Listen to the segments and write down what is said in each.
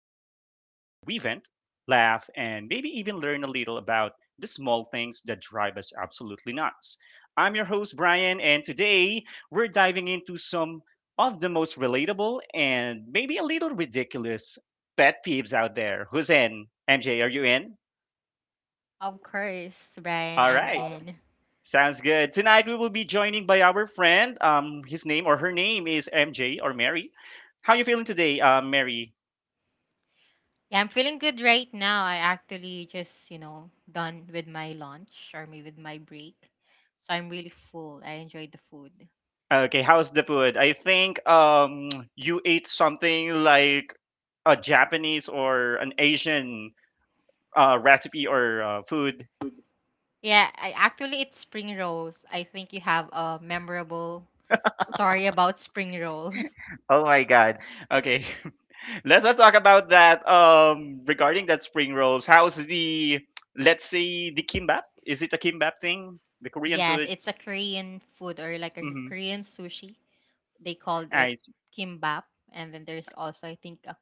the show where we vent, laugh, and maybe even learn a little about the small things that drive us absolutely nuts. I'm your host, Brian, and today we're diving into some of the most relatable and maybe a little ridiculous pet peeves out there. Who's in? MJ, are you in? Of course, Brian, All I'm right. in. Sounds good. Tonight we will be joining by our friend. His name or her name is MJ or Mary. How you feeling today, Mary? Yeah, I'm feeling good right now. I actually just, you know, done with my lunch or maybe with my break. So I'm really full. I enjoyed the food. Okay, how's the food? I think you ate something like a Japanese or an Asian recipe or food. Yeah, I actually it's spring rolls. I think you have a memorable story about spring rolls. Oh my god. Okay. Let's not talk about that regarding that spring rolls. How's the, let's say, the kimbap? Is it a kimbap thing? The Korean Yes, food? it's a Korean food or like a Mhm. Korean sushi. They called All it right. kimbap, and then there's also I think a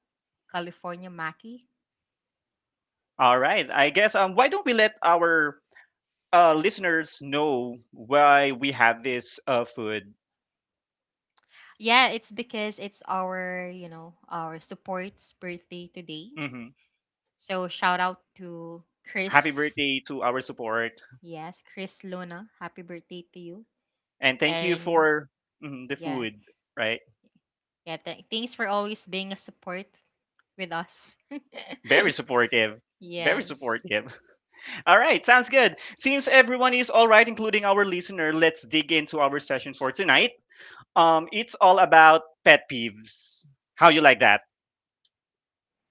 California maki. All right. I guess why don't we let our listeners know why we have this food? Yeah, it's because it's our, you know, our support's birthday today. Mm-hmm. So shout out to Happy Chris. birthday to our support, Yes, Chris Luna. Happy birthday to you. and thank you And for, mhm, the yeah, food, right? yeah, thanks for always being a support with us. Very supportive. Very Yes. supportive. All right, sounds good. Since everyone is all right, including our listener, let's dig into our session for tonight. It's all about pet peeves. How you like that?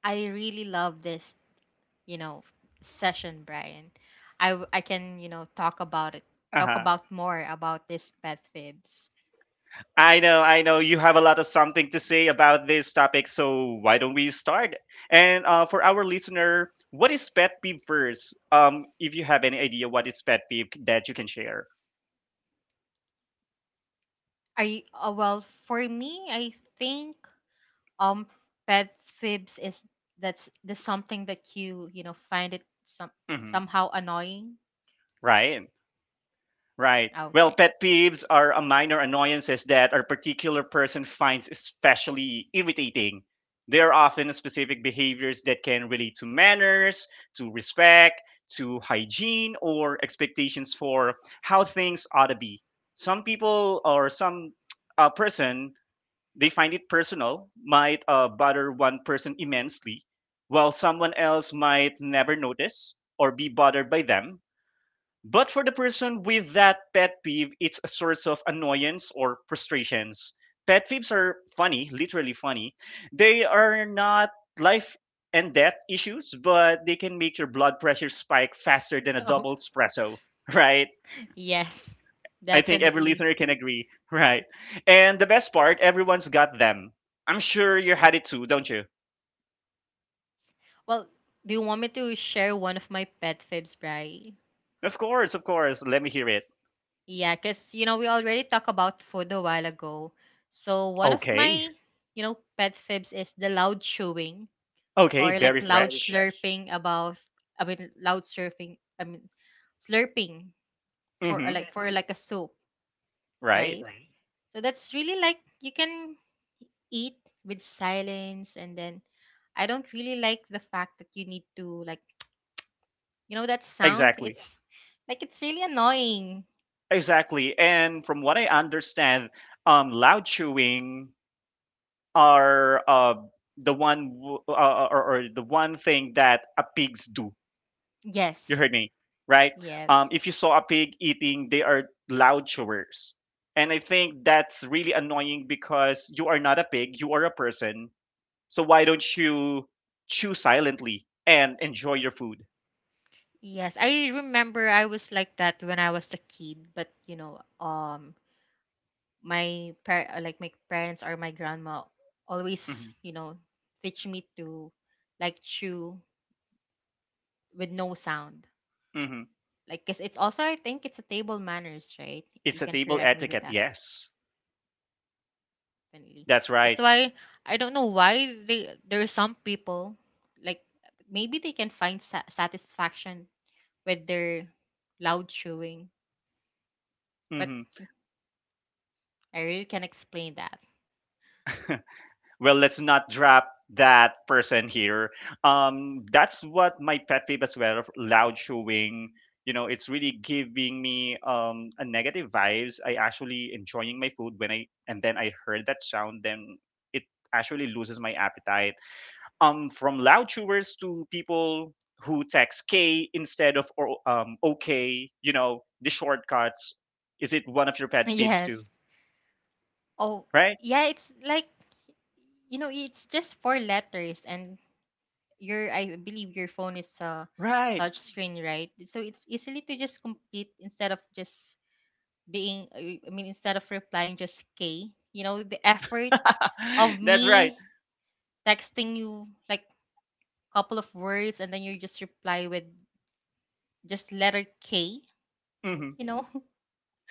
I really love this, you know, session, Brian. I can, you know, talk about it. Talk Uh-huh. about more about this pet fibs. I know, I know you have a lot of something to say about this topic, so why don't we start. And for our listener, what is pet peeve first? If you have any idea what is pet peeve that you can share. Are you, well, for me, I think um pet fibs is that's the something that you know find it Mhm. somehow annoying. Right. Right. Well, Okay. pet peeves are a minor annoyances that a particular person finds especially irritating. They are often specific behaviors that can relate to manners, to respect, to hygiene, or expectations for how things ought to be. Some people or some person, they find it personal, might bother one person immensely, while someone else might never notice or be bothered by them. But for the person with that pet peeve, it's a source of annoyance or frustrations. Pet peeves are funny, literally funny. They are not life and death issues, but they can make your blood pressure spike faster than a Oh, double espresso, right? yes, I think every definitely. listener can agree, right? And the best part, everyone's got them. I'm sure you had it too, don't you? Well, do you want me to share one of my pet fibs, Bri? Of course, of course. Let me hear it. Yeah, because you know we already talked about food a while ago, so one of Okay. my, you know, pet fibs is the loud chewing Okay, or like very loud fresh. slurping. About I mean loud slurping I mean Slurping Mm for hmm. like for like a soup, Right. right? So that's really like you can eat with silence, and then I don't really like the fact that you need to like, you know, that sound. Yeah, Exactly. it's like it's really annoying. Exactly. And from what I understand, loud chewing are the one w- or the one thing that a pigs do. You Yes. heard me, right? Yes. If you saw a pig eating, they are loud chewers. And I think that's really annoying because you are not a pig, you are a person. So why don't you chew silently and enjoy your food? Yes, I remember I was like that when I was a kid, but you know, like my parents or my grandma always, Hmm. you know, teach me to like chew with no sound, Hmm. like because it's also, I think, it's a table manners, right? It's You a can table correct me with etiquette, that. yes. Definitely. That's That's right. why I don't know why they there are some people like maybe they can find satisfaction with their loud chewing, but Mhm. I really can't explain that. Well, let's not drop that person here. That's what my pet peeve as well, loud chewing. You know, it's really giving me a negative vibes. I actually enjoying my food when I, and then I heard that sound, then it actually loses my appetite. From loud chewers to people who text K instead of, or okay, you know, the shortcuts. Is it one of your pet peeves Yes. too? Oh, Right. yeah. It's like, you know, it's just four letters and your, I believe, your phone is a Right. touch screen, right? So it's easily to just complete instead of just being I mean instead of replying just K. You know, the effort of That's right. me texting you like couple of words, and then you just reply with just letter K, Mhm. you know?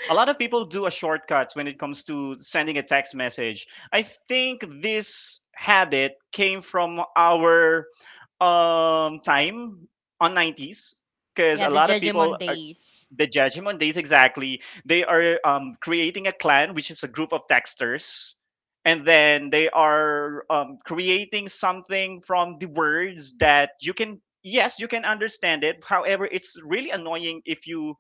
A lot of people do a shortcut when it comes to sending a text message. I think this habit came from our time on 90s because Yeah, a the lot of people Judgment are, days. the judgment days, exactly, they are creating a clan, which is a group of texters, and then they are creating something from the words that you can, yes, you can understand it, however it's really annoying if you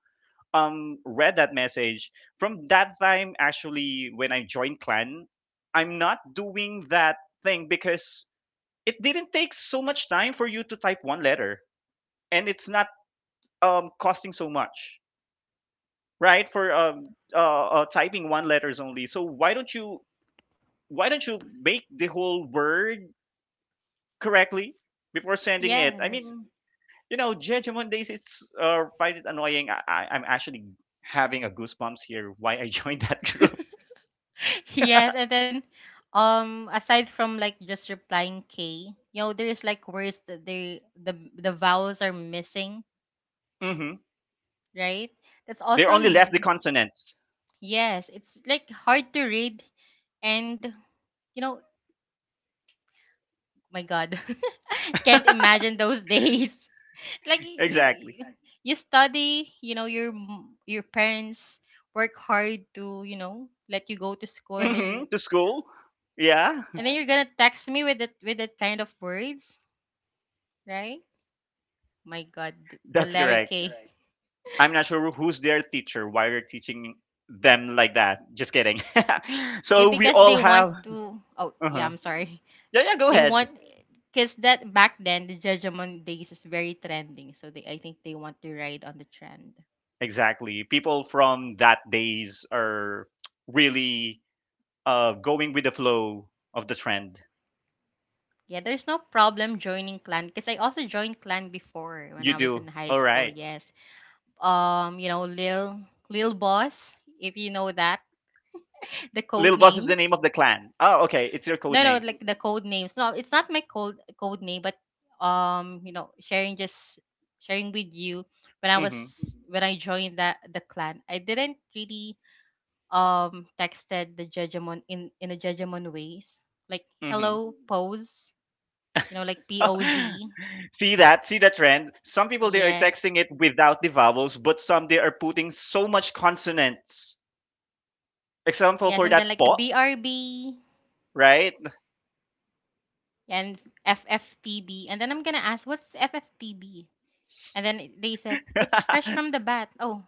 read that message from that time. Actually, when I joined clan, I'm not doing that thing, because it didn't take so much time for you to type one letter, and it's not costing so much, right, for typing one letters only. So why don't you, why don't you make the whole word correctly before sending it. I Yes. mean, you know, judgment days, it's find it annoying. I'm actually having a goosebumps here why I joined that group. Yes, and then aside from like just replying K, you know, there is like words that the vowels are missing, Mhm. right? That's They also only left the consonants. yes, it's like hard to read, and you know, my god. Can't imagine those days. Like you Exactly. you you study, you know, your your parents work hard to, you know, let you go to school, and then Hmm. you To school. Yeah. and then you're going to text me with that kind of words, right? My god, the That's letter correct. K. I'm not sure who's their teacher, why they're teaching them like that. Just kidding. So Maybe we because all they want have. to. Oh, yeah, Uh-huh. I'm sorry. Yeah, yeah, go They ahead. want, because that back then, the Judgment Days is very trending, so they, I think, they want to ride on the trend. Exactly. People from that days are really going with the flow of the trend. Yeah, there's no problem joining clan, because I also joined clan before when You I was in do. high All school. right. Yes, you know, Lil Boss, if you know that, the code Little Boss is the names. name of the clan. Oh, okay. It's your code No, no, name. like the code names. No, it's not my code name, but you know, sharing, just sharing with you, when I Mm-hmm. was, when I joined that the clan, I didn't really texted the judgment in a judgment ways. Like Mm-hmm. hello pose, you know, like POZ. See that? See the trend? Some people they are Yes. texting it without the vowels, but some they are putting so much consonants. Example Yes, for and then that like the po, BRB right? and FFTB. And then I'm gonna ask, what's FFTB? And then they said, it's fresh from the bat. Oh,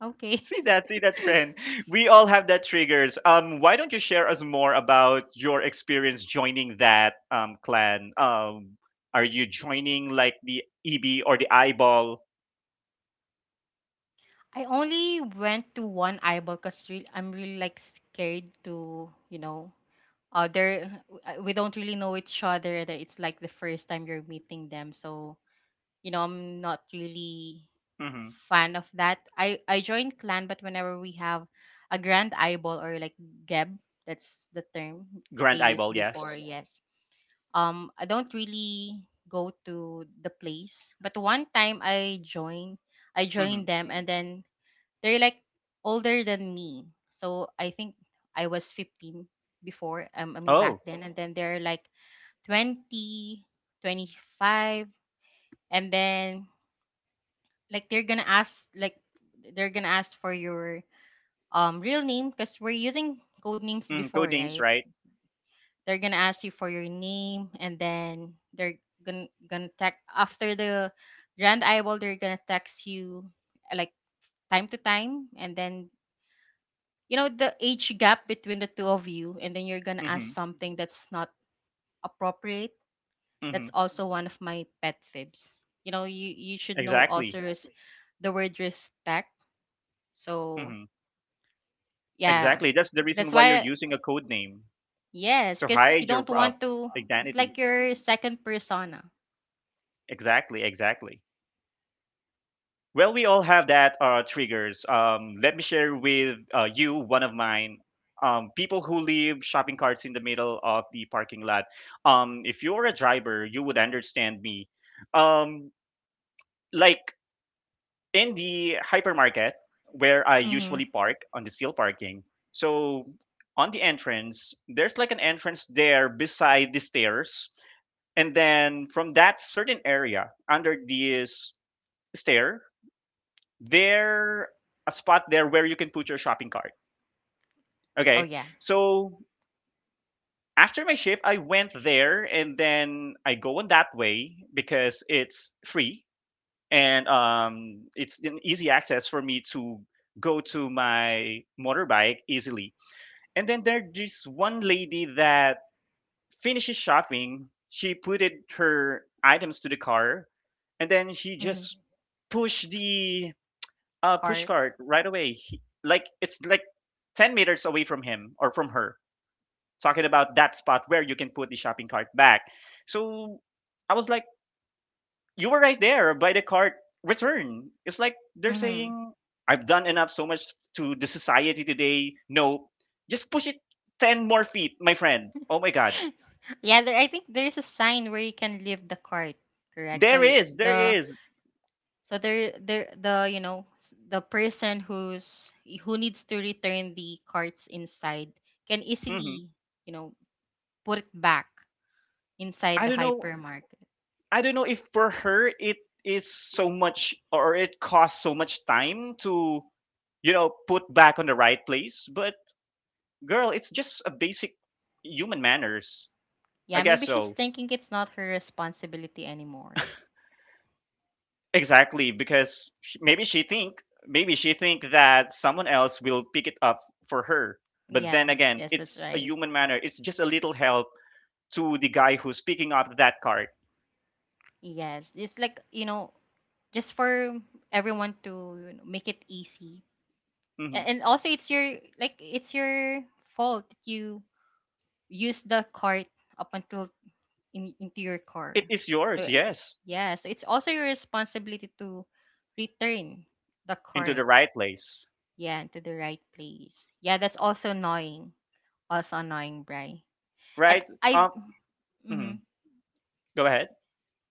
okay. See that? See that trend? We all have that triggers. Why don't you share us more about your experience joining that clan? Are you joining like the EB or the Eyeball? I only went to one eyeball because I'm really like scared to, you know, other. We don't really know each other. That It's like the first time you're meeting them, so you know, I'm not really Hmm. fan of that. I joined clan, but whenever we have a grand eyeball or like geb, that's the term they Grand used Eyeball, yes. before. Yes. I don't really go to the place, but one time I Hmm. joined them, and then they're like older than me. So I think I was 15 before. I mean back Oh, then, and then they're like 20, 25, and then like they're gonna ask like they're gonna ask for your real name, because we're using code names mm, before, code names, right? right? They're gonna ask you for your name, and then they're gonna text after the grand eyeball, they're gonna text you like time to time, and then you know the age gap between the two of you, and then you're gonna ask Hmm. something that's not appropriate. That's Hmm. also one of my pet fibs. You know, you should know also Exactly. Exactly. the word respect, so Mm-hmm. Yeah. Exactly. That's the reason That's why you're why using a code name yes, to because you hide your don't want to, it's identity. like your second persona. Exactly. Exactly. Well, we all have that triggers. Let me share with you one of mine. People who leave shopping carts in the middle of the parking lot. If you're a driver, you would understand me. Um, like in the hypermarket where I Mm-hmm. usually park on the steel parking. So on the entrance, there's like an entrance there beside the stairs. And then from that certain area under this stair, there a spot there where you can put your shopping cart. Oh, Okay. yeah. So after my shift, I went there and then I go on that way because it's free and it's an easy access for me to go to my motorbike easily. And then there's this one lady that finishes shopping, she putted her items to the car, and then she Mm-hmm. just pushed the push Cart. cart right away. He, like it's like 10 meters away from him or from her. Talking about that spot where you can put the shopping cart back. So I was like, you were right there by the cart. Return. It's like they're Mm-hmm. saying, I've done enough so much to the society today. No, just push it 10 more feet, my friend. Oh my God. Yeah, there, I think there's a sign where you can leave the cart, correct? So There it- is, the there is. so there the you know the person who's who needs to return the carts inside can Mhm. easily, you know, put it back inside I the don't know. hypermarket. I don't know if for her it is so much or it costs so much time to, you know, put back on the right place. But girl, it's just a basic human manners. I Yeah, guess maybe she's so. thinking it's not her responsibility anymore. Exactly, because maybe she think, maybe she think that someone else will pick it up for her. But then Yes, again, yes, that's it's a right. human manner. It's just a little help to the guy who's picking up that card. Yes, it's like, you know, just for everyone to, you know, make it easy, Mhm. and also it's your like it's your fault that you use the cart up until into your It car. is yours, So yes, yeah, so it's also your responsibility to return the into cart, the right place, yeah, to the right place. Yeah, that's also annoying, Bry. And right? I, Um, mm-hmm. mm-hmm. Go ahead.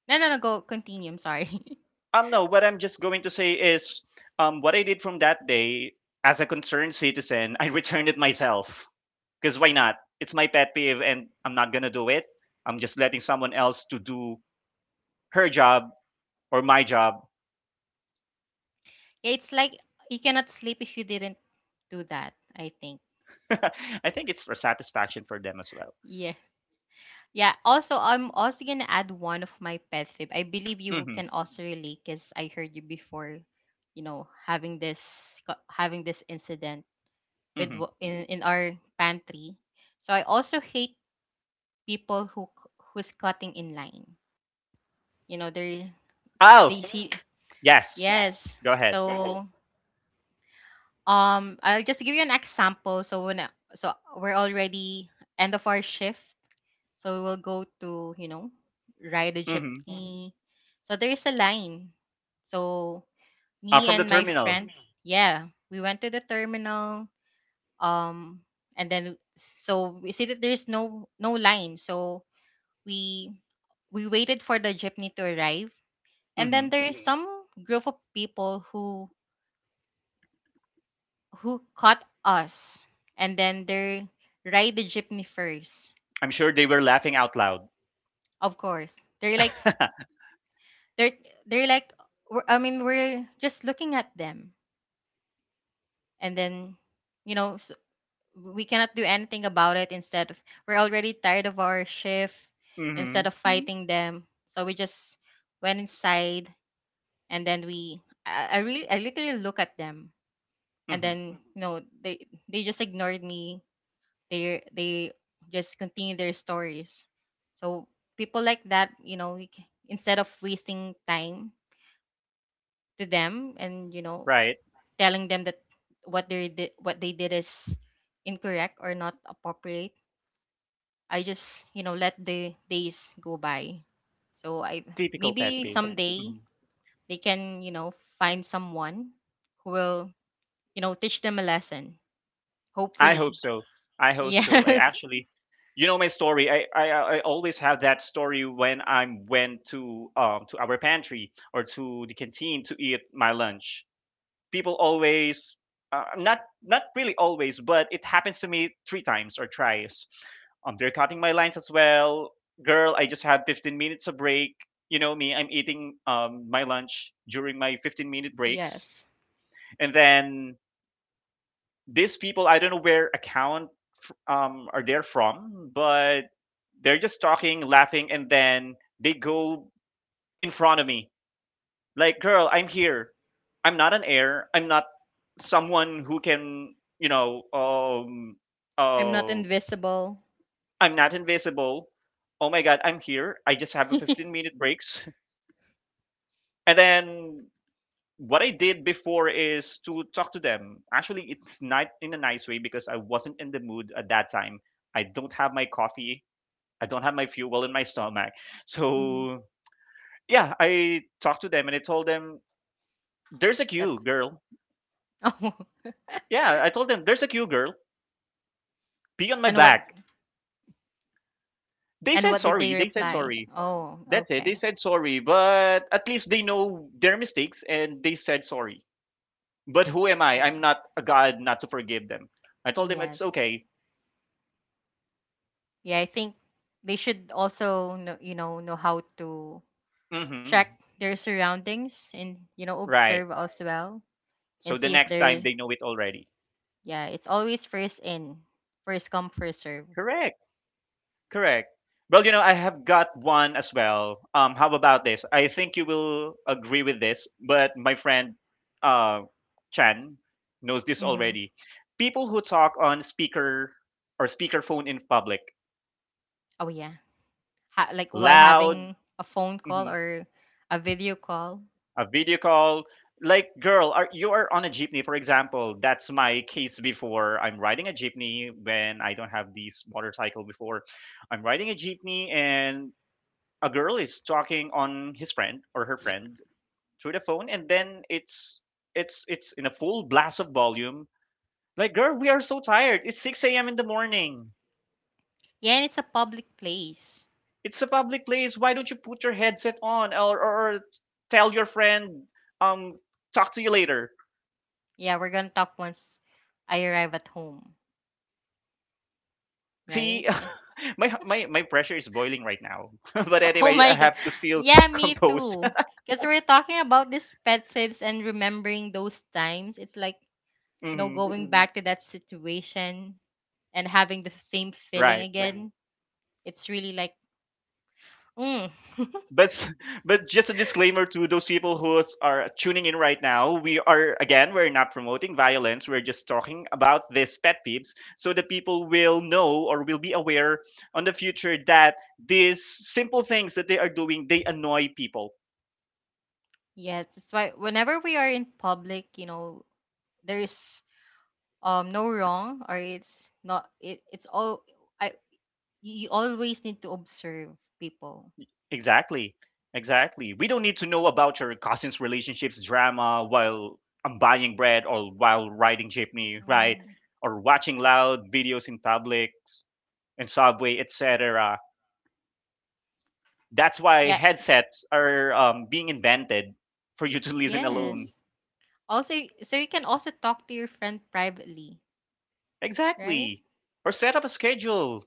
no, no, no, go continue. I'm sorry. No, what I'm just going to say is, what I did from that day as a concerned citizen, I returned it myself. Because why not? It's my pet peeve, and I'm not gonna do it. I'm just letting someone else to do her job or my job. Yeah, it's like you cannot sleep if you didn't do that, I think. I think it's for satisfaction for them as well. Yeah. Yeah. Also, I'm also gonna add one of my pet peeve. I believe you Mm-hmm. can also relate, because I heard you before, you know, having this having this incident with Mm-hmm. In our pantry. So I also hate people who who's cutting in line. You know, they Oh, they Mm, see, yeah. yes. Yes. Go Mm-hmm. ahead. So, um, I'll just give you an example. So when so we're already end of our shift, so we will go to, you know, ride a Mm-hmm. jeepney. So there is a line. So me From the and my terminal. friend, yeah, we went to the terminal. Um, and then so we see that there's no line. So we we waited for the jeepney to arrive, and Mm-hmm. then there is some group of people who caught us, and then they ride the jeepney first. I'm sure they were laughing out loud. Of course, they're like, they're they're like, we're, I mean we're just looking at them, and then you know s we cannot do anything about it. Instead of, we're already tired of our shift, Mm-hmm. instead of Mhm. fighting them, so we just went inside, and then I really I literally look at them, and Mm-hmm. then you know they just ignored me, they just continue their stories. So people like that, you know, instead of wasting time to them and you know Right. telling them that what they did is incorrect or not appropriate, I just, you know, let the days go by. So I Typical pet maybe peeve. someday Mm-hmm. they can, you know, find someone who will, you know, teach them a lesson, I hope hopefully. so. I hope so. I Yes. actually, you know my story. I always have that story when I went to our pantry or to the canteen to eat my lunch. People always, not not really always, but it happens to me 3 times or tries. They're cutting my lines as well. Girl, I just had 15 minutes of break. You know me, I'm eating my lunch during my 15-minute breaks, Yes, and then these people I don't know where account are they're from, but they're just talking, laughing, and then they go in front of me. Like, girl, I'm here, I'm not an heir, I'm not someone who can, you know, I'm not uh, invisible. I'm not invisible. Oh my god, I'm here, I just have a 15 minute breaks. And then what I did before is to talk to them. Actually, it's not in a nice way because I wasn't in the mood at that time. I don't have my coffee. I don't have my fuel in my stomach. Mm-hmm. So, yeah, I talked to them and I told them, there's a That queue, girl. oh, Yeah, I told them, there's a queue, girl. Be on my and what back. They and said what did they sorry. They said reply? sorry. Oh, That's it. They okay, said sorry, but at least they know their mistakes and they said sorry. But who am it's I? I'm nice. not a god not to forgive them. I told them it's Yes, okay. yeah. I think they should also know, you know how to hmm check their surroundings and you know Right. observe as well, So and the see if next time they they're know it already. yeah. It's always first in, first come, first serve. Correct. Correct. Well, you know, I have got one as well. How about this? I think you will agree with this, but my friend uh Chan knows this Mm-hmm. already. People who talk on speaker or speakerphone in public, Oh, yeah, like while loud, having a phone call mhm, or a video call. a video call. Like, girl, are you are on a jeepney, for example? That's my case before. I'm riding a jeepney when I don't have this motorcycle before. I'm riding a jeepney and a girl is talking on his friend or her friend through the phone, and then it's in a full blast of volume. Like, girl, we are so tired, it's 6 a.m in the morning. Yeah, and it's a public place. It's a public place, why don't you put your headset on, or tell your friend um talk to you later. Yeah, we're gonna talk once I arrive at home, right? See, So, my pressure is boiling right now. But oh anyway, I my god. have to feel Yeah, me composed. too. Because we're talking about these pet tips and remembering those times. It's like, you know, hmm going Mm-mm. back to that situation and having the same feeling Right. Right. again. It's really like, mm, But But just a disclaimer to those people who are tuning in right now, we are, again, we're not promoting violence. We're just talking about these pet peeves, so that people will know or will be aware on the future that these simple things that they are doing, they annoy people. yes. That's why whenever we are in public, you know, there's no wrong or it's not it's all I you always need to observe people. Exactly. Exactly. We don't need to know about your cousin's relationships drama while I'm buying bread or while riding jeepney, right? Hmm Or watching loud videos in public and subway, etc. That's why Yeah. headsets are being invented for you to listen Yes. alone. Also, so you can also talk to your friend privately, right? Exactly. Or set up a schedule.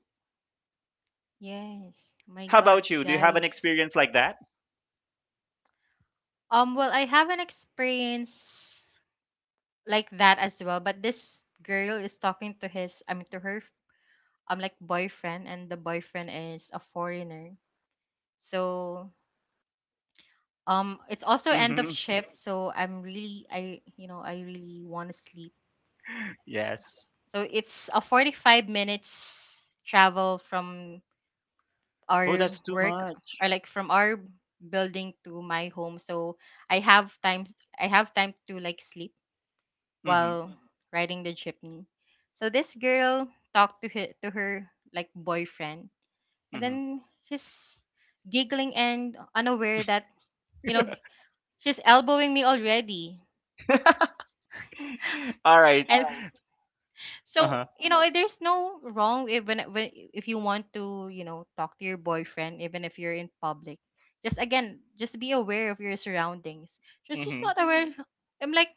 Yes. My How God, about you? Do you have an guys. experience like that? Well, I have an experience like that as well, but this girl is talking to his, I mean, to her, like boyfriend, and the boyfriend is a foreigner. So, it's also end of hmm shift, so I'm really, I, you know, I really want to sleep. Yes. So it's a 45 minutes travel from Oh, our that's too work much. or like from our building to my home, so I have time to like sleep hmm while riding the jeepney. So this girl talked to her like boyfriend, and hmm then she's giggling and unaware that, you know, she's elbowing me already. All right. And So Uh-huh. you know, there's no wrong even if- when if you want to, talk to your boyfriend, even if you're in public. Just again, just be aware of your surroundings. Just She's Mm-hmm. not aware. I'm like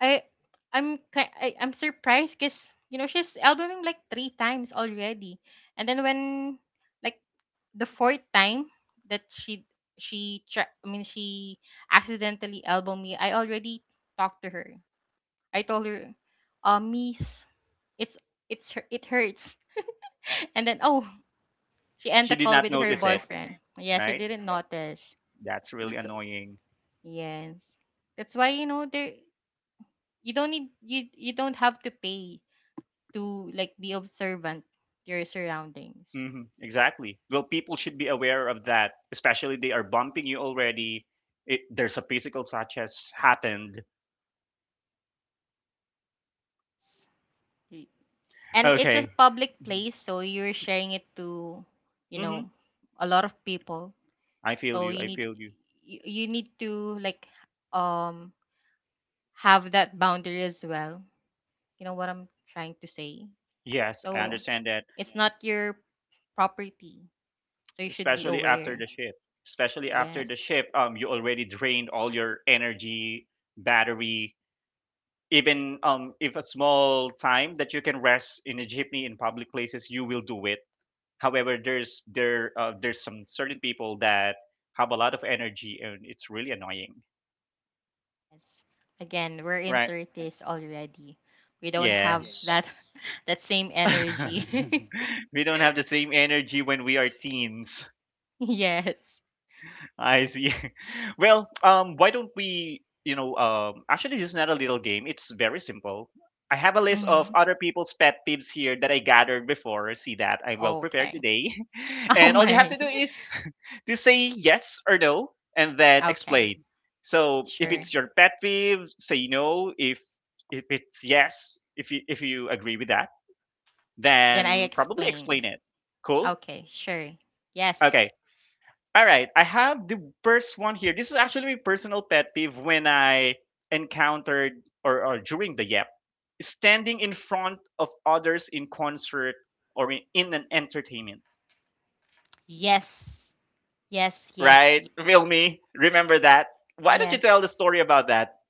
I, I'm ki- I, I'm surprised because, you know, she's albuming like 3 times already, and then when, like, the fourth time that she accidentally elbowed me, I already talked to her. I told her, miss, it's it hurts. And then, oh, she end She the did call not with her notice it, boyfriend. Yeah, she right? didn't notice. That's So really that's annoying. yes. That's why, you know, there you don't need you you don't have to pay to like be observant to your surroundings. Exactly. Well, people should be aware of that, especially they are bumping you already. It, there's a physical touch has happened. Y- And it's a Okay. public place, so you're sharing it to, you Mm-hmm. know a lot of people. I feel So you. I feel you. you, you need to like um have that boundary as well. You know what I'm trying to say? Yes, I So understand that. it's not your property. So you should be Especially after aware. the shift. Especially after the Yes. shift, you already drained all your energy, battery. Even if a small time that you can rest in a jeepney in public places, you will do it. However, there's some certain people that have a lot of energy and it's really annoying, Yes. Again, we're in right? thirties already. We don't have Yes. that that same energy. We don't have the same energy when we are teens. Yes. I see. Well, why don't we, you know, actually, this is not a little game. It's very simple. I have a list of Hmm. other people's pet peeves here that I gathered before. See that I'm well prepared Okay. today. Oh And all you have my. to do is to say yes or no and then Okay. explain. So if Sure. it's your pet peeve, say no. If it's yes, if you agree with that, Then I then probably explain. explain it. Cool? Okay, sure. Okay. Yes. All right, I have the first one here. This is actually my personal pet peeve when I encountered or during the Yep, standing in front of others in concert or in an entertainment. Yes. Yes, yes, Right? yes. Feel me? Remember that? Why don't you tell the Yes. story about that?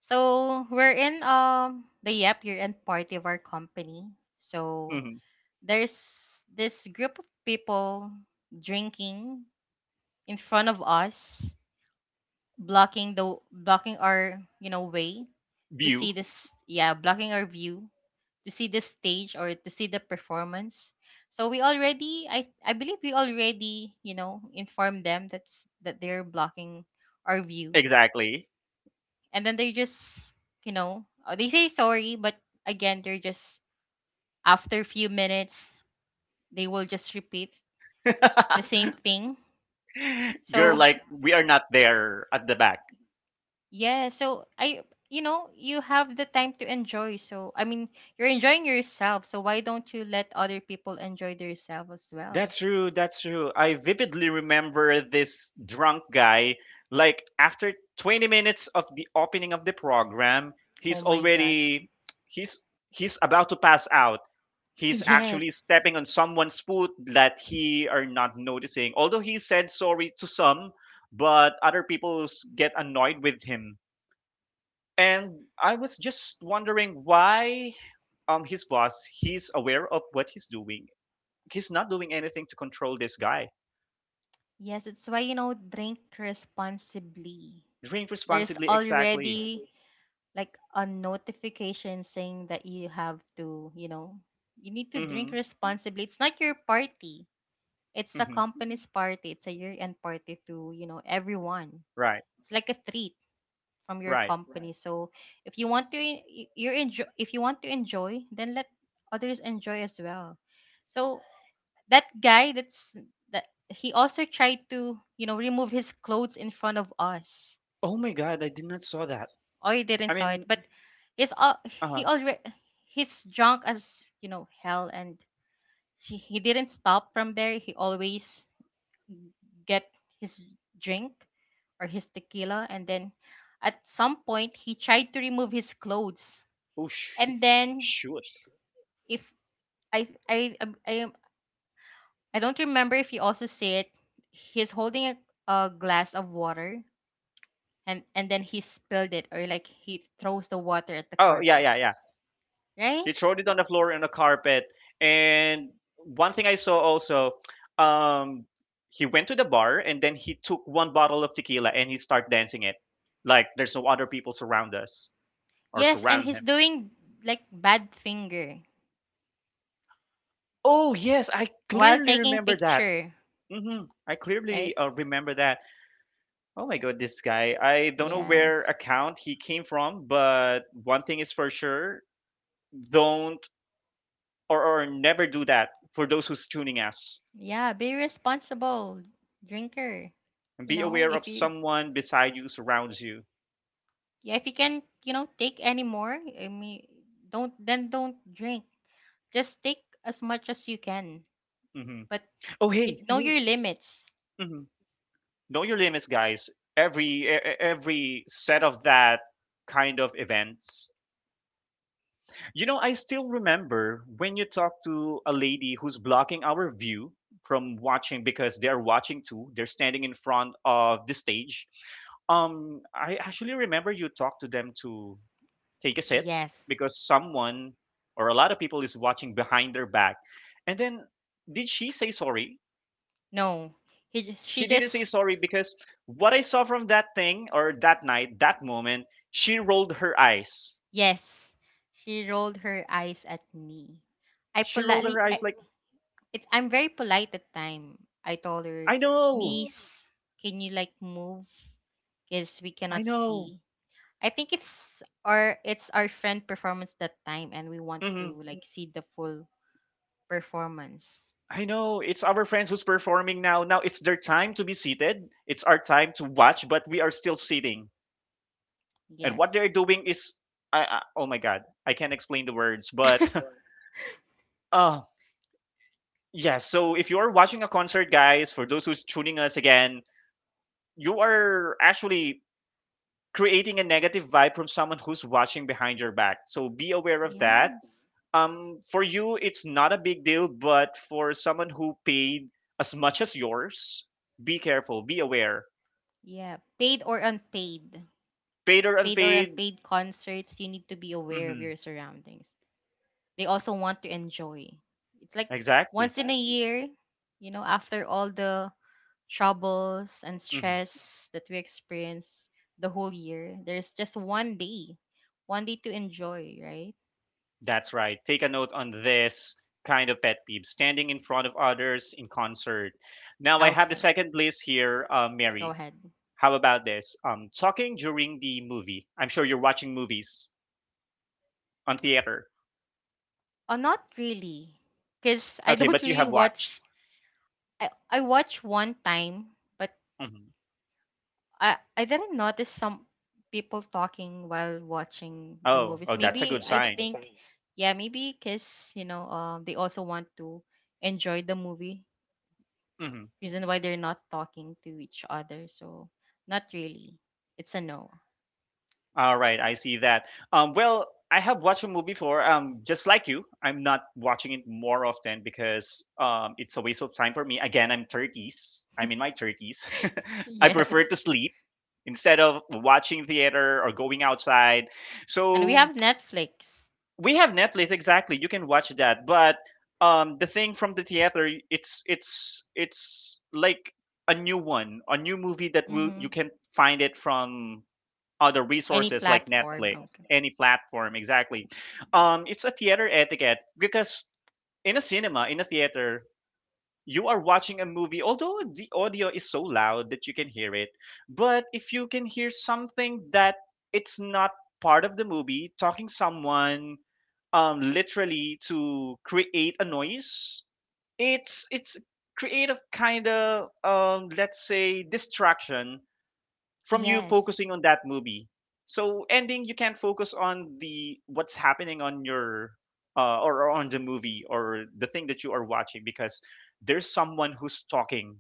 So we're in the year end party of our company. So Mhm. there's this group of people drinking in front of us, blocking our, you know, way to View. see this yeah, blocking our view to see the stage or to see the performance. So we already, I believe, we already, you know, informed them that's that they're blocking our view, Exactly. and then they just, you know, they say sorry, but again, they're just, after a few minutes, they will just repeat the same thing. Girl, So like, we are not there at the back. yeah, so I you know, you have the time to enjoy, so I mean, you're enjoying yourself, so why don't you let other people enjoy themselves as well? That's true. That's true. I vividly remember this drunk guy. Like, after 20 minutes of the opening of the program, Oh he's my god. already, he's, he's about to pass out. He's Yes. actually stepping on someone's foot that he are not noticing. Although he said sorry to some, but other people get annoyed with him. And I was just wondering why his boss, he's aware of what he's doing, he's not doing anything to control this guy. Yes, it's why, you know, drink responsibly. Drink There's responsibly, exactly. already like a notification saying that you have to, you know, you need to Mm-hmm. drink responsibly. It's not your party. It's a Mm-hmm. company's party. It's a year-end party to, you know, everyone. Right. It's like a treat from your Right. company. Right. So if you want to you're enjoy if you want to enjoy, then let others enjoy as well. So that guy that's that he also tried to, you know, remove his clothes in front of us. Oh my god, I did not saw that. Oh, he didn't I saw it, mean, but he's all he uh-huh. already, he's drunk as, you know, hell, and he didn't stop from there. He always get his drink or his tequila, and then at some point he tried to remove his clothes, Oh sh- and then Shoot. if I I I, I, I don't remember if he also said he's holding a glass of water, and then he spilled it or like he throws the water at the Oh yeah, carpet, yeah, yeah. right? He throwed it on the floor and the carpet. And one thing I saw also, um, he went to the bar and then he took one bottle of tequila and he started dancing it. Like there's no other people surround us or Yes, and surround he's him. doing like bad finger Oh yes, I while clearly taking remember that. picture, I right? clearly remember that. Oh my god, this guy. I don't know where Yes. account he came from, but one thing is for sure, don't or never do that for those who's tuning us. Yeah, be responsible drinker. And You be know, aware if of you, someone beside you, surrounds you. yeah, if you can, you know, take any more, I mean, don't drink. Just take as much as you can, hmm but Oh, you hey. know your limits. hmm Know your limits, guys. Every set of that kind of events. You know, I still remember when you talk to a lady who's blocking our view from watching because they're watching too. They're standing in front of the stage. I actually remember you talked to them to take a seat Yes. because someone or a lot of people is watching behind their back. And then did she say sorry? No. She She didn't say just — sorry because what I saw from that thing or that night, that moment, she rolled her eyes. yes. She rolled her eyes at me. I She rolled her politely I, eyes like, it's I'm very polite at time. I told her, yeah, I know, miss, can you like move? Because we I cannot know. see. I think it's our, friend performance that time, and we want Mhm. to like see the full performance. I know it's our friends who's performing now. Now it's their time to be seated. It's our time to watch, but we are still sitting. And what Yes. they're doing is, I oh my god, I can't explain the words, but uh yeah. So if you are watching a concert, guys, for those who's tuning us again, you are actually creating a negative vibe from someone who's watching behind your back. So be aware of that. Yes. For you it's not a big deal, but for someone who paid as much as yours, be careful, be aware. Yeah. Paid or unpaid. Paid or Paid or unpaid. unpaid concerts, you need to be aware of hmm your surroundings. They also want to enjoy. It's like exactly. once in a year, you know, after all the troubles and hmm stress that we experience the whole year. There's just one day to enjoy, right? that's right, take a note on this kind of pet peeve, standing in front of others in concert. Now I have the Okay, second list here, go Mary. ahead. How about this, talking during the movie? I'm sure you're watching movies on theater. Oh, not really, because I Okay, but don't you really have watched. watch. I watch one time, but hmm I didn't notice some people talking while watching the oh, movies. oh, that's a Maybe good I sign. think, yeah, maybe because, you know, they also want to enjoy the movie. Mhm. Reason why they're not talking to each other. So not really. It's a no. All right, I see that. Well, I have watched a movie before. Just like you, I'm not watching it more often because it's a waste of time for me. Again, I'm 30s. I'm in my 30s. I prefer Yes. to sleep instead of watching theater or going outside. And we So have Netflix. we have Netflix. Exactly, you can watch that. But the thing from the theater, it's like a new one, a new movie that will you Mm-hmm. can find it from other Any resources like platform. Netflix, Okay. any platform, exactly. It's a theater etiquette because in a cinema, in a theater, you are watching a movie, although the audio is so loud that you can hear it. But if you can hear something that it's not part of the movie, talking someone literally to create a noise, it's creative kind of let's say distraction from you Yes. focusing on that movie. So ending, you can't focus on the what's happening on your or on the movie or the thing that you are watching because there's someone who's talking.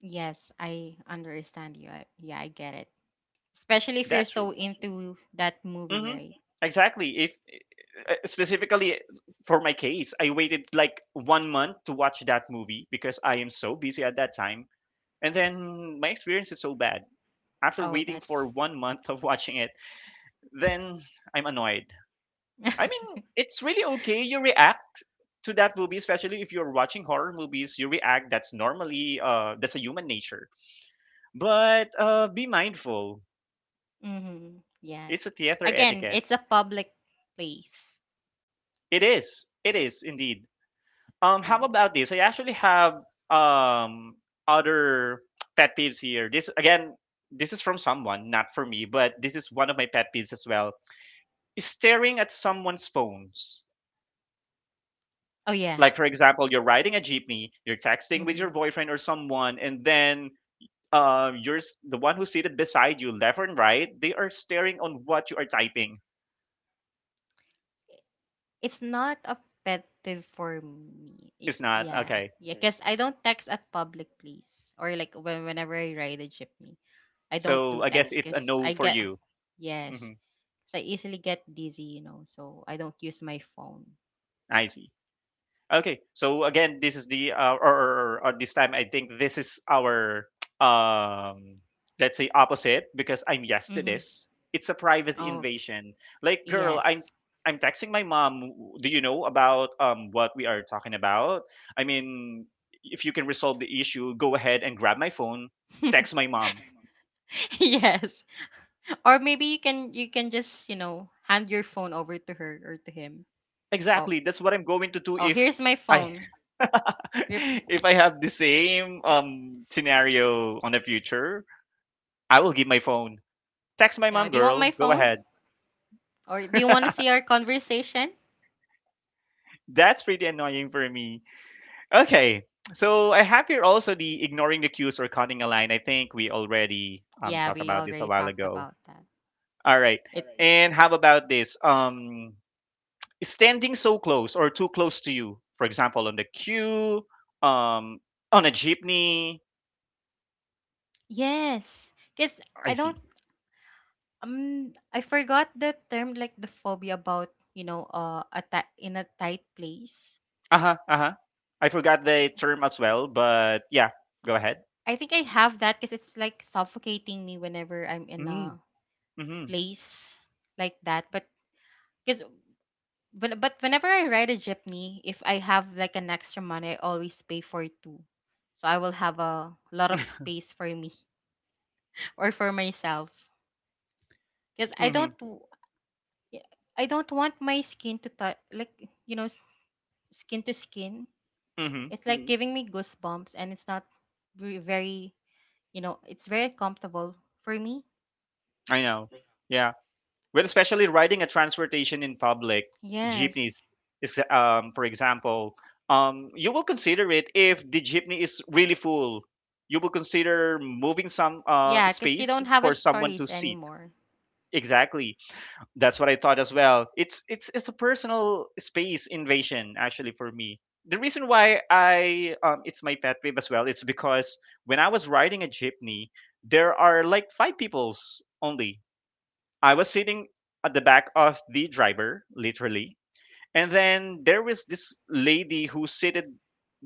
Yes, I understand you. Yeah, I get it. Especially if you're That's so right. into that movie, hmm right? Exactly. If specifically for my case, I waited like 1 month to watch that movie because I am so busy at that time, and then my experience is so bad. After Oh, waiting that's for 1 month of watching it, then I'm annoyed. I mean, it's really okay. You react to that movie, especially if you're watching horror movies. You react. That's normally that's a human nature. But be mindful. Mm-hmm. Yeah. It's a theater Again, etiquette. it's a public place. It is. It is indeed. How Yes. about this? I actually have um other pet peeves here. This again. This is from someone, not for me, but this is one of my pet peeves as well. Staring at someone's phones, Oh yeah. like for example you're riding a jeepney, you're texting with Mm-hmm. your boyfriend or someone, and then the one who's seated beside you left and right, they are staring on what you are typing. It's not a pet peeve for me. It's It's not yeah. okay. Yeah, cuz I don't text at public place, or like whenever I ride a jeepney. I don't So do I guess text it's a cuz no I for get you. yes. hmm 'Cause I easily get dizzy, you know. So I don't use my phone. I see. Okay, so again, this is the or this time I think this is our um let's say opposite because I'm yes to Mhm. this. It's a privacy Oh, invasion. Like, girl, yes. I'm texting my mom. Do you know about what we are talking about? I mean, if you can resolve the issue, go ahead and grab my phone, text my mom. Yes. Or maybe you can, just, you know, hand your phone over to her or to him. Oh. Exactly, that's what I'm going to do Oh, if here's my I phone. Rip- if I have the same scenario on the future. I will give my phone. Text my Yeah, mom, do you want my girl. Go phone? ahead. Or do you want to see our conversation? That's pretty annoying for me. Okay. So I have here also the ignoring the cues or cutting a line. I think we already Yeah, talked we about this a already while talked ago. about that. All right. All It And how about this? Standing so close or too close to you. For example, on the queue, um on a jeepney. Yes, because I I see. don't I forgot the term, like the phobia about, you know, a ti in a tight place. Uh-huh. Uh-huh. I forgot Yeah. the term as well, but yeah, go ahead. I think I have that because it's like suffocating me whenever I'm in Mm, a mm-hmm. place like that. But because but whenever I ride a jeepney, if I have like an extra money, I always pay for 2, so I will have a lot of space for me or for myself. Because I Mm-hmm. don't — yeah, I don't want my skin to touch, like, you know, skin to skin. Mm-hmm. It's like giving me goosebumps, and it's not very, very, you know, it's very comfortable for me. I know. Yeah. Well, especially riding a transportation in public, jeepney, Yes. For example, you will consider it if the jeepney is really full. You will consider moving some Yeah, because you space don't have a for someone to choice sit. anymore. Exactly, that's what I thought as well. It's a personal space invasion actually for me. The reason why I it's my pet peeve as well is because when I was riding a jeepney, there are like five people's only I was sitting at the back of the driver, literally. And then there was this lady who seated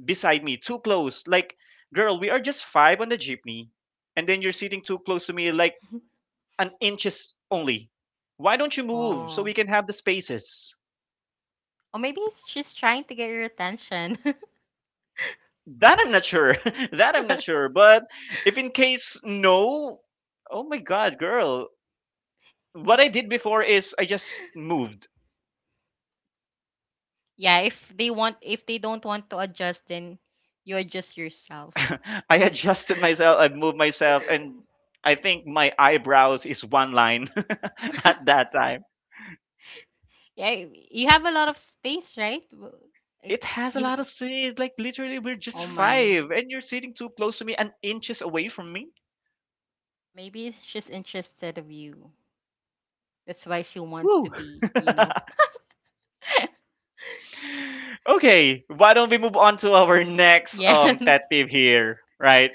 beside me, too close. Like, girl, we are just five on the jeepney. And then you're sitting too close to me, like an inches only. Why don't you move so Oh. we can have the spaces? Or maybe she's trying to get your attention. That I'm not sure. That I'm not sure. But if in case no, oh my God, girl. What I did before is I just moved. Yeah, if they want, if they don't want to adjust, then you adjust yourself. I adjusted myself, I moved myself, and I think my eyebrows is one line at that time. Yeah, you have a lot of space, right? Like, It has a You, lot of space. Like literally, we're just oh my. five, and you're sitting too close to me and inches away from me. Maybe she's interested of you. That's why she wants to Woo. be, you know. Okay, why don't we move on to our next Yes, pet peeve here, right?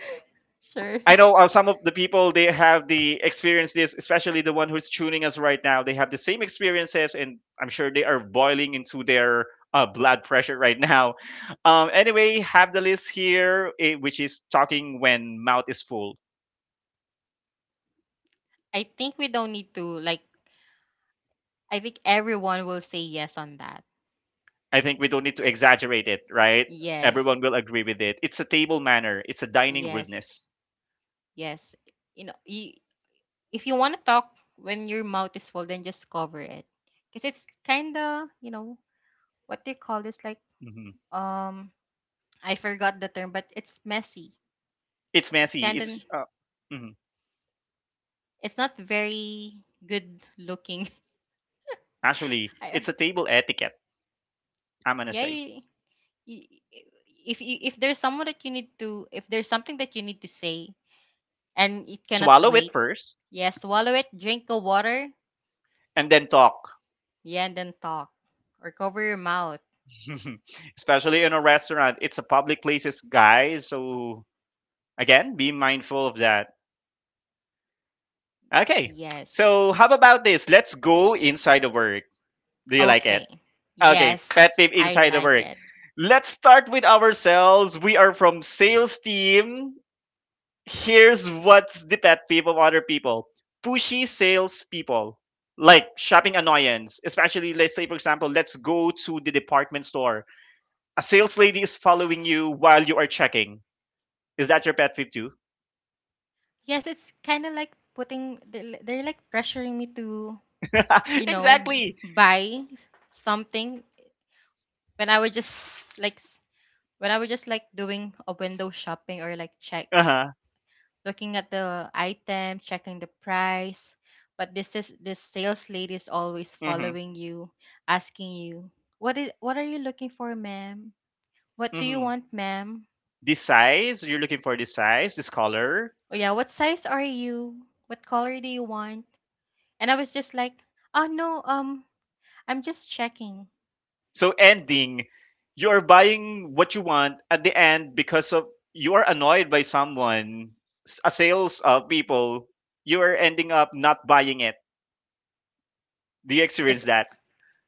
sure. I know some of the people they have the experience this, especially the one who's tuning us right now. They have the same experiences, and I'm sure they are boiling into their blood pressure right now. Anyway, have the list here, eh, which is talking when mouth is full. I think we don't need to like I think everyone will say yes on that. I think we don't need to exaggerate it, right? Yes. Everyone will agree with it. It's a table manner. It's a dining Yes. rudeness. Yes. You know, you, if you want to talk when your mouth is full, then just cover it. Cuz it's kind of, you know, what they call this, like, Hmm. um I forgot the term, but it's messy. It's It's messy. kind of — It's mhm. it's not very good looking. Actually it's I, a table etiquette. I'm gonna yeah, say y- i- if if there's someone that you need to if there's something that you need to say and it cannot swallow it wait, first yes, swallow it, drink a water, and then talk. yeah, and then talk, or cover your mouth. Especially in a restaurant, it's a public places, guys. So again, be mindful of that. Okay. Yes. So how about this? Let's go inside the work. Do you like it? Okay. Okay, pet Yes, peeve I inside the like work. it. Let's start with ourselves. We are from sales team. Here's what's the pet peeve of other people. Pushy sales people. Like shopping annoyance. Especially let's say for example, let's go to the department store a sales lady is following you while you are checking. Is that your pet peeve too? Yes, it's kind of like putting — they're like pressuring me to, you know, Exactly. buy something when I was just like s- when I was just like doing a window shopping or like check Uh huh. looking at the item, checking the price. But this sales lady is always Mm hmm. following you, asking you, what are you looking for, ma'am? What Mm do you hmm. want, ma'am? This size, you're looking for this size, this color. Oh yeah, what size are you? What color do you want?" And I was just like, "Oh no, I'm just checking." So ending, you're buying what you want at the end because of you are annoyed by someone, a sales of people. You are ending up not buying it. Do you Yes, because — experience that?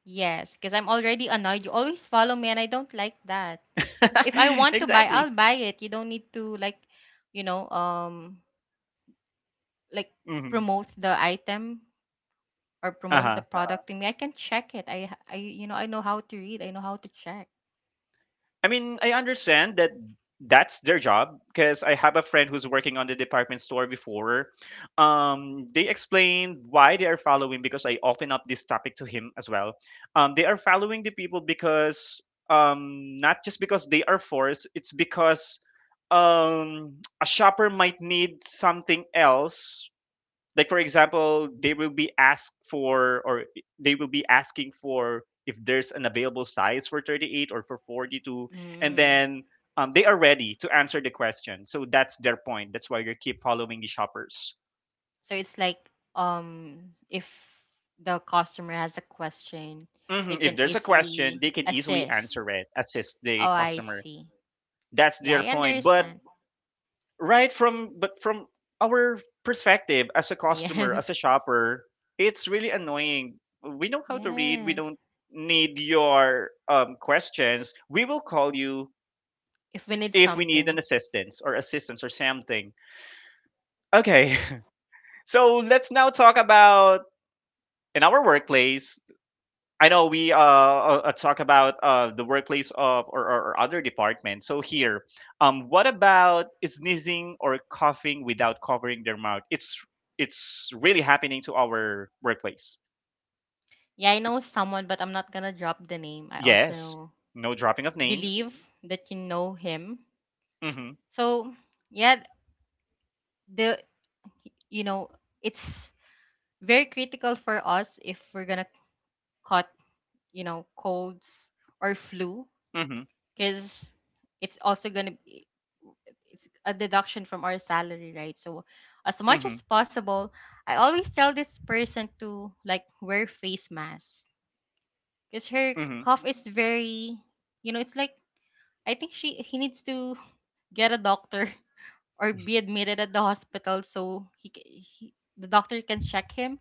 yes, because I'm already annoyed. You always follow me, and I don't like that. Because if I want to buy, Exactly. I'll buy it. You don't need to like, you know, like Mm-hmm. promote the item or promote the Uh-huh. Product to me. I can check it i i You know, I know how to read, I know how to check. I mean, I understand that that's their job because I have a friend who's working on the department store before. They explained why they are following because I open up this topic to him as well. They are following the people because not just because they are forced, it's because um, a shopper might need something else like for example they will be asked for or they will be asking for if there's an available size for 38 or for 42 and Mm. then they are ready to answer the question so that's their point that's why you keep following the shoppers. So it's like, um, if the customer has a question, they Mhm. If can there's a easily question they can easily assist. answer it assist the Oh, I customer see. that's Yeah, their I point but understand. From our perspective as a customer as a Yes. shopper it's really annoying we know how to read we Yes. don't need your questions we will call you If we need if we need something. an assistance or assistance or something. Okay. So let's now talk about in our workplace. I know we talk about the workplace or other department. So here, what about sneezing or coughing without covering their mouth? It's really happening to our workplace. Yeah, I know someone, but I'm not gonna drop the name. I Yes, also no dropping of names. believe that you know him, Mm-hmm. so yeah. the You know, it's very critical for us if we're gonna cut, you know, colds or flu, Mm-hmm. because it's also gonna be — it's a deduction from our salary, right? So as much Mm-hmm. as possible, I always tell this person to like wear face mask, because her Mm-hmm. cough is very, you know, it's like, I think she he needs to get a doctor or be admitted at the hospital, so he, ca- he the doctor can check him.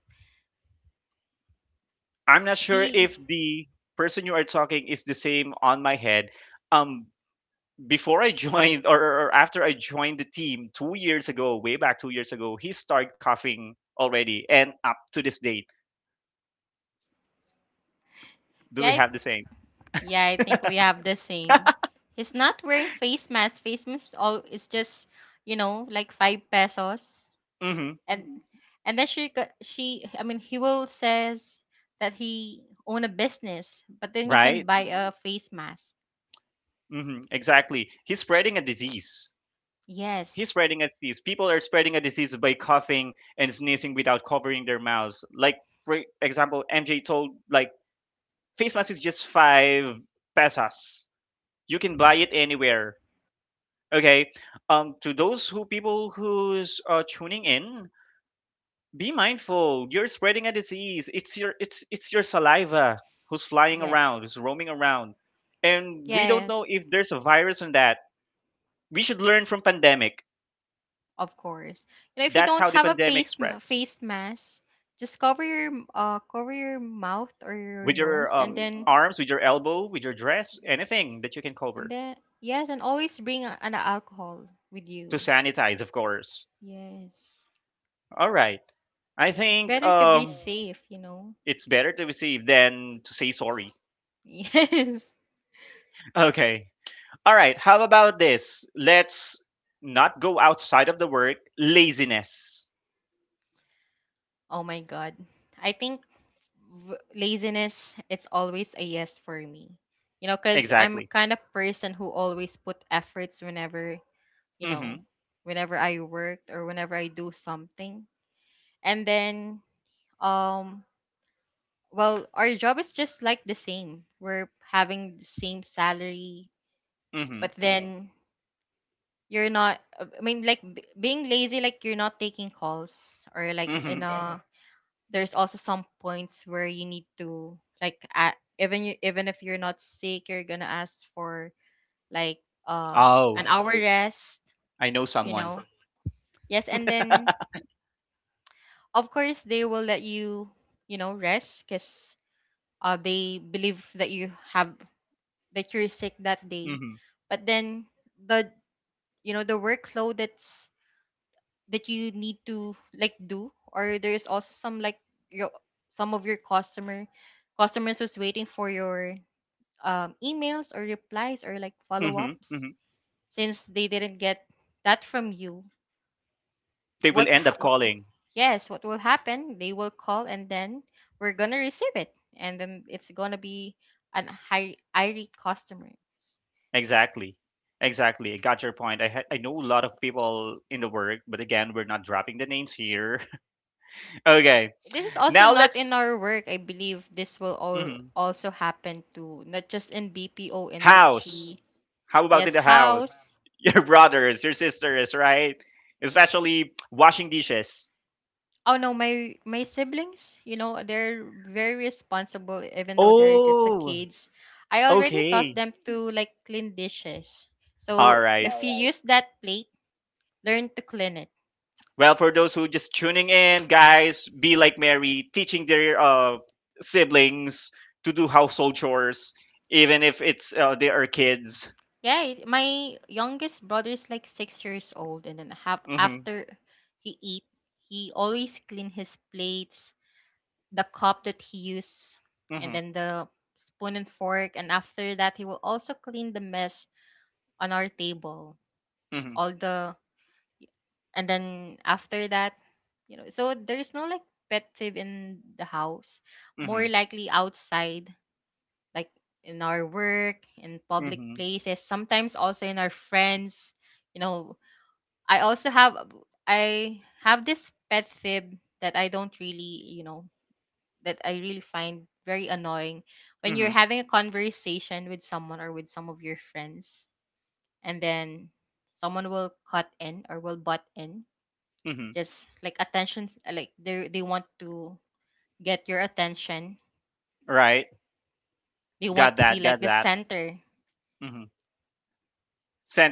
I'm not sure He if the person you are talking is the same on my head. Um, before I joined or after I joined the team 2 years ago, way back 2 years ago, he started coughing already, and up to this date, do Yeah, we I have the same? yeah, I think we have the same. He's not wearing face mask. Face mask all is just, you know, like 5 pesos. Mm-hmm. And then she go- she I mean he will says that he own a business, but then you can Right? buy a face mask. Mm-hmm. Exactly. He's spreading a disease. He's Yes. spreading a disease. People are spreading a disease by coughing and sneezing without covering their mouths. Like for example, MJ told like face mask is just 5 pesos. You can buy it anywhere. Okay. To those who people who's tuning in, be mindful. You're spreading a disease. It's your saliva who's flying Yes. around, who's roaming around. And we don't know Yes, if there's a virus in that. We should learn from pandemic. of course. You know, if you That's don't how the have a pandemic spread. Face mask, just cover your cover your mouth or your With your nose. and then arms, with your elbow, with your dress, anything that you can And cover. then, yes, and always bring an alcohol with To you. sanitize, of course. Yes. All right. I It's think better to be safe, you know? it's better to receive than to say sorry. Yes. Okay. All right, how about this? Let's not go outside of the work. Laziness. Oh my God. I think laziness, it's always a yes for me. You know, because I'm Exactly. kind of person who always put efforts whenever, you know, Mhm. whenever I work or whenever I do something. And then, um, well, our job is just like the same. We're having the same salary, Mhm. but then you're not I mean, like, b being lazy, like, you're not taking calls or like, you, yeah, Mhm. know, there's also some points where you need to like a even you even if you're not sick, you're gonna ask for like uh Oh, an hour rest, I know you someone. know. Yes, and then of course they will let you, you know, rest because they believe that you have that you're sick that day. Mhm. But then the, you know, the workload that's that you need to like do, or there's also some like your some of your customers who's waiting for your emails or replies or like Mhm. follow-ups, Mhm. since they didn't get that from you. They will what, end ha- up what calling. yes, what will happen, they will call and then we're gonna receive it, and then it's gonna be an high irate customer. Exactly. Exactly. I got your point. I know a lot of people in the work, but again, we're not dropping the names here. Okay. This is also Now let's not in our work. I believe this will all mhm. also happen to not just in BPO house. industry. How about in Yes, the house? house. Your brothers, your sisters, right? Especially washing dishes. Oh no, my siblings, you know, they're very responsible even though they're just a Oh, kids. I already taught okay. them to like clean dishes. All So right. if you use that plate, learn to clean it. Well, for those who just tuning in, guys, be like Mary, teaching their siblings to do household chores, even if it's they are kids. Yeah, it- my youngest brother is like 6 years old, and then half Mhm, after he eat, he always clean his plates, the cup that he used, and mhm, then the spoon and fork. And after that, he will also clean the mess on our table. mhm, All the, and then after that, you know, so there is no like pet peeve in the house. More mhm, likely outside, like in our work, in public mhm, places, sometimes also in our friends. You know, I also have I have this pet fib that I don't really, you know, that I really find very annoying when you're mhm, having a conversation with someone or with some of your friends, and then someone will cut in or will butt in, mhm. just like attention, like they want to get your attention. Right. They Got want to be that. like Got the that. center. Mhm.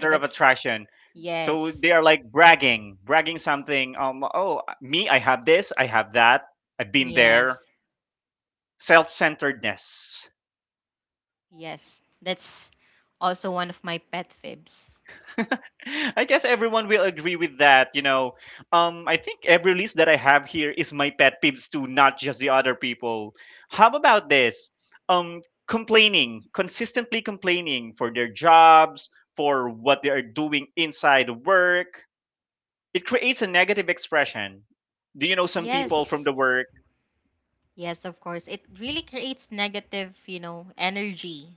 Yeah, of that's, attraction. So yes, they are like bragging, bragging something. Oh, me, I have this. I have that. I've been there. yes, Self-centeredness. yes. That's also one of my pet fibs. I guess everyone will agree with that. I think every list that I have here is my pet peeves too, not just the other people. How about this? Complaining, consistently complaining for their jobs, for what they are doing inside work. It creates a negative expression. Do you know some people from Yes. the work? Yes, of course. It really creates negative, you know,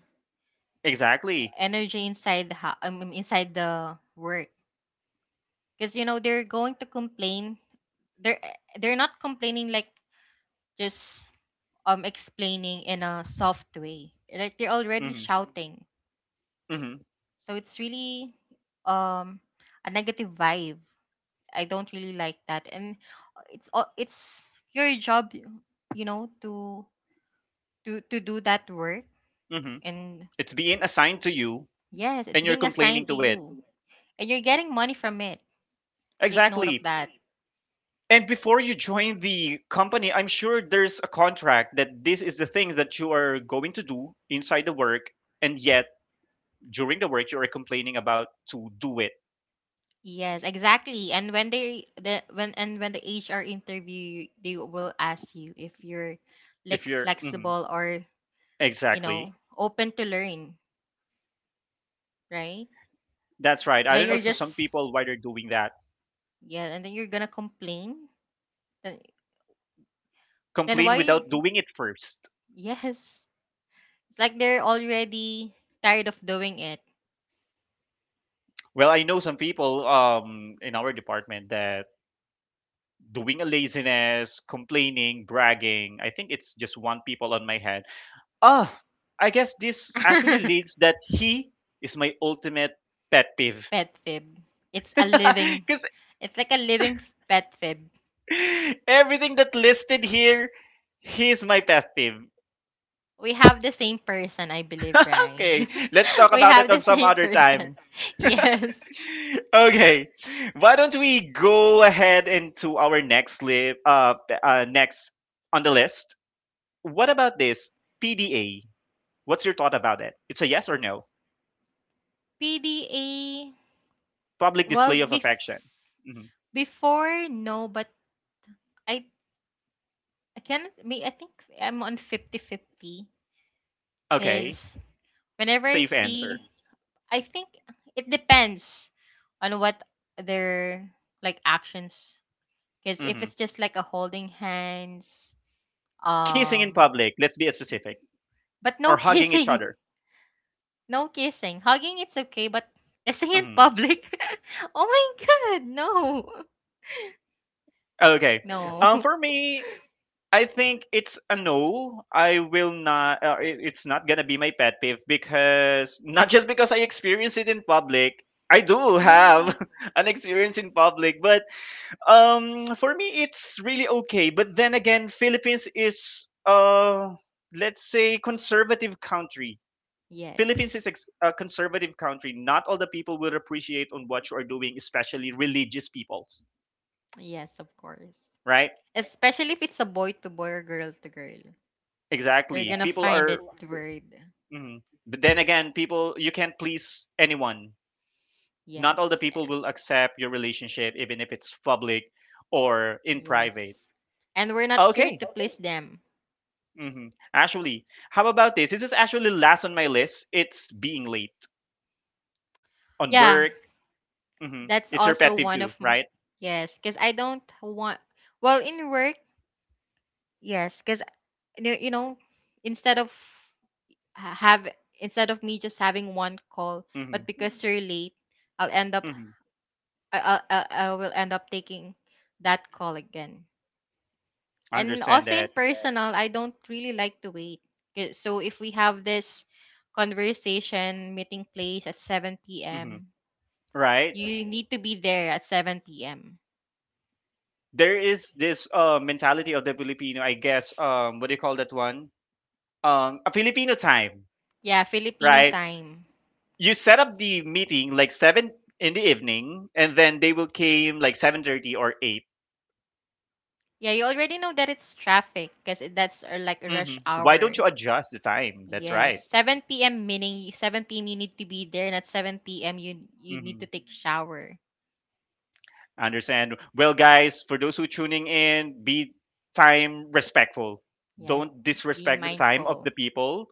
Exactly. energy inside the inside the work, because you know they're going to complain. They're they're not complaining like just explaining in a soft way, like they're already Mm-hmm. shouting. Mm-hmm. So it's really um a negative vibe. I don't really like that. And it's your job, you know, to to do that work. Mm-hmm. And It's being assigned to you, yes, it's and you're being complaining assigned to to it. you, and you're getting money from it. Take note of Exactly. that. And before you join the company, I'm sure there's a contract that this is the thing that you are going to do inside the work, and yet during the work you are complaining about to do it. Yes, exactly. And when they the when and when the HR interview you, they will ask you if you're If like you're Mhm. flexible or, you know, exactly, open to learn, right? that's right. And I then don't know you're to some just people why they're doing that. yeah, and then you're gonna complain. Then, then, Complain why? without doing it first. Yes. It's like they're already tired of doing it. Well, I know some people in our department that doing a laziness, complaining, bragging. I think it's just one people on my head. Ah, I guess this actually leads that he is my ultimate pet peeve. Pet fib. It's a living Because it's like a living pet fib. everything that listed here, he's my pet peeve. We have the same person, I believe, right? Okay, let's talk We about it have the on some same other person. time. Yes. Okay, why don't we go ahead into our next on the list? What about this PDA? What's your thought about it? It's a yes or no? PDA, Public well, display of affection. Mhm. before, no, but I I can't. May I think I'm on 50-50, Okay, because whenever I safe see, answer. I think it depends on what their like actions. Because if Mm-hmm. it's just like a holding hands, Kissing in um, public let's be specific but no or hugging each kissing, other. no kissing. Hugging it's okay, but kissing in Mhm. public, oh my god, no, Okay, no, for me I think it's a no. I will not it's not gonna be my pet peeve because not just because I experience it in public. I do yeah. have an experience in public but for me it's really okay. But then again Philippines is let's say conservative country. Philippines is Yes. A conservative country. Not all the people will appreciate on what you are doing, especially religious peoples, Yes, of course. right? Especially if it's a boy to boy or girl to girl. They're Exactly. gonna, exactly, People find it are, weird. mhm. But then again, people you can't please anyone. Not all the Yes. people will accept your relationship, even if it's public or in private. Yes. And we're not here Okay. to please them. Hmm. Actually, how about this? This is actually last on my list. It's being late on work. Yeah, Hmm. that's It's your pet also peeve too, right? yes, because I don't want, well, in work, yes, because, you know, instead of ha- have instead of me just having one call, Hmm. but because you're late, I'll end up Hmm. I I, I I will end up taking that call again. And Understand also in that. personal, I don't really like to wait. 'Kay, so if we have this conversation meeting place at 7 Hmm. p.m., Right? you need to be there at 7 p.m. There is this mentality of the Filipino, I guess. What do you call that one? A Filipino time, Yeah, Filipino right? time. You set up the meeting like 7 in the evening, and then they will came like 7:30 or 8. Yeah, you already know that it's traffic because that's like a rush Mm-hmm. Why don't hour. you adjust the time? That's right. Yes, 7 p.m. meaning 7 p.m. you need to be there, and at 7 p.m. You need Mm-hmm. to take shower. Understand? Well, guys, for those who tuning in, be time respectful. Yeah, Don't be disrespect the time of mindful. the people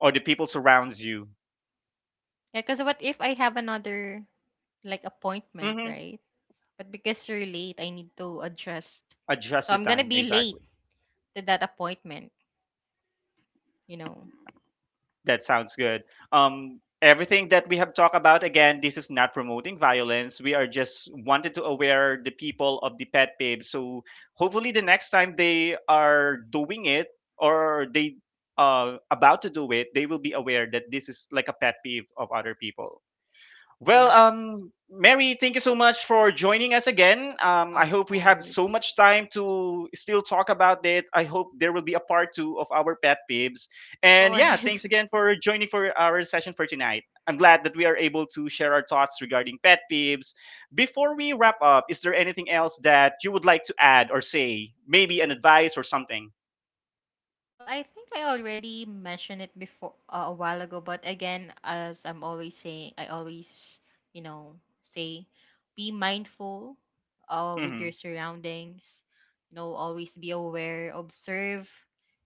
or the people surrounds you. Yeah, because what if I have another like appointment, Mm-hmm. right? But because you're late, I need to adjust. Adjust So the I'm gonna time be late exactly. to that appointment, you know. That sounds good. Everything that we have talked about, again, this is not promoting violence. We are just wanted to aware the people of the pet peeve. So hopefully, the next time they are doing it or they about to do it, they will be aware that this is like a pet peeve of other people. Well, Yes, Mary, thank you so much for joining us again. I of hope we have so course. much time to still talk about it. I hope there will be a part two of our pet peeves. Of And yeah, thanks course. again for joining for our session for tonight. I'm glad that we are able to share our thoughts regarding pet peeves. Before we wrap up, is there anything else that you would like to add or say? Maybe an advice or something? Well, I think I already mentioned it before a while ago, but again, as I'm always saying, I always, you know, say be mindful with Hmm. your surroundings, you know, always be aware, observe,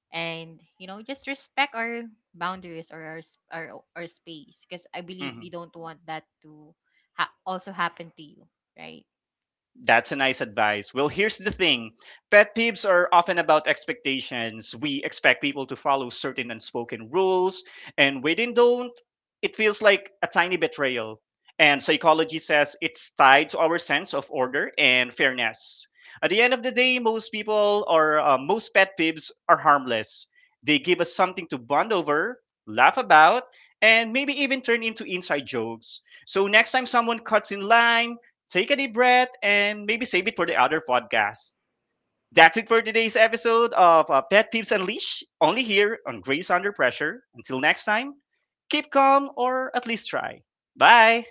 and, you know, just respect our boundaries or our space, because I believe we Hmm. don't want that to also happen to you, right? That's a nice advice. Well, here's the thing pet peeves are often about expectations. We expect people to follow certain unspoken rules, and when they don't, it feels like a tiny betrayal. And psychology says it's tied to our sense of order and fairness. At the end of the day, most people or most pet peeves are harmless. They give us something to bond over, laugh about, and maybe even turn into inside jokes. So next time someone cuts in line, take a deep breath and maybe save it for the other podcast. That's it for today's episode of Pet Peeves Unleashed, only here on Grace Under Pressure. Until next time, keep calm or at least try. Bye.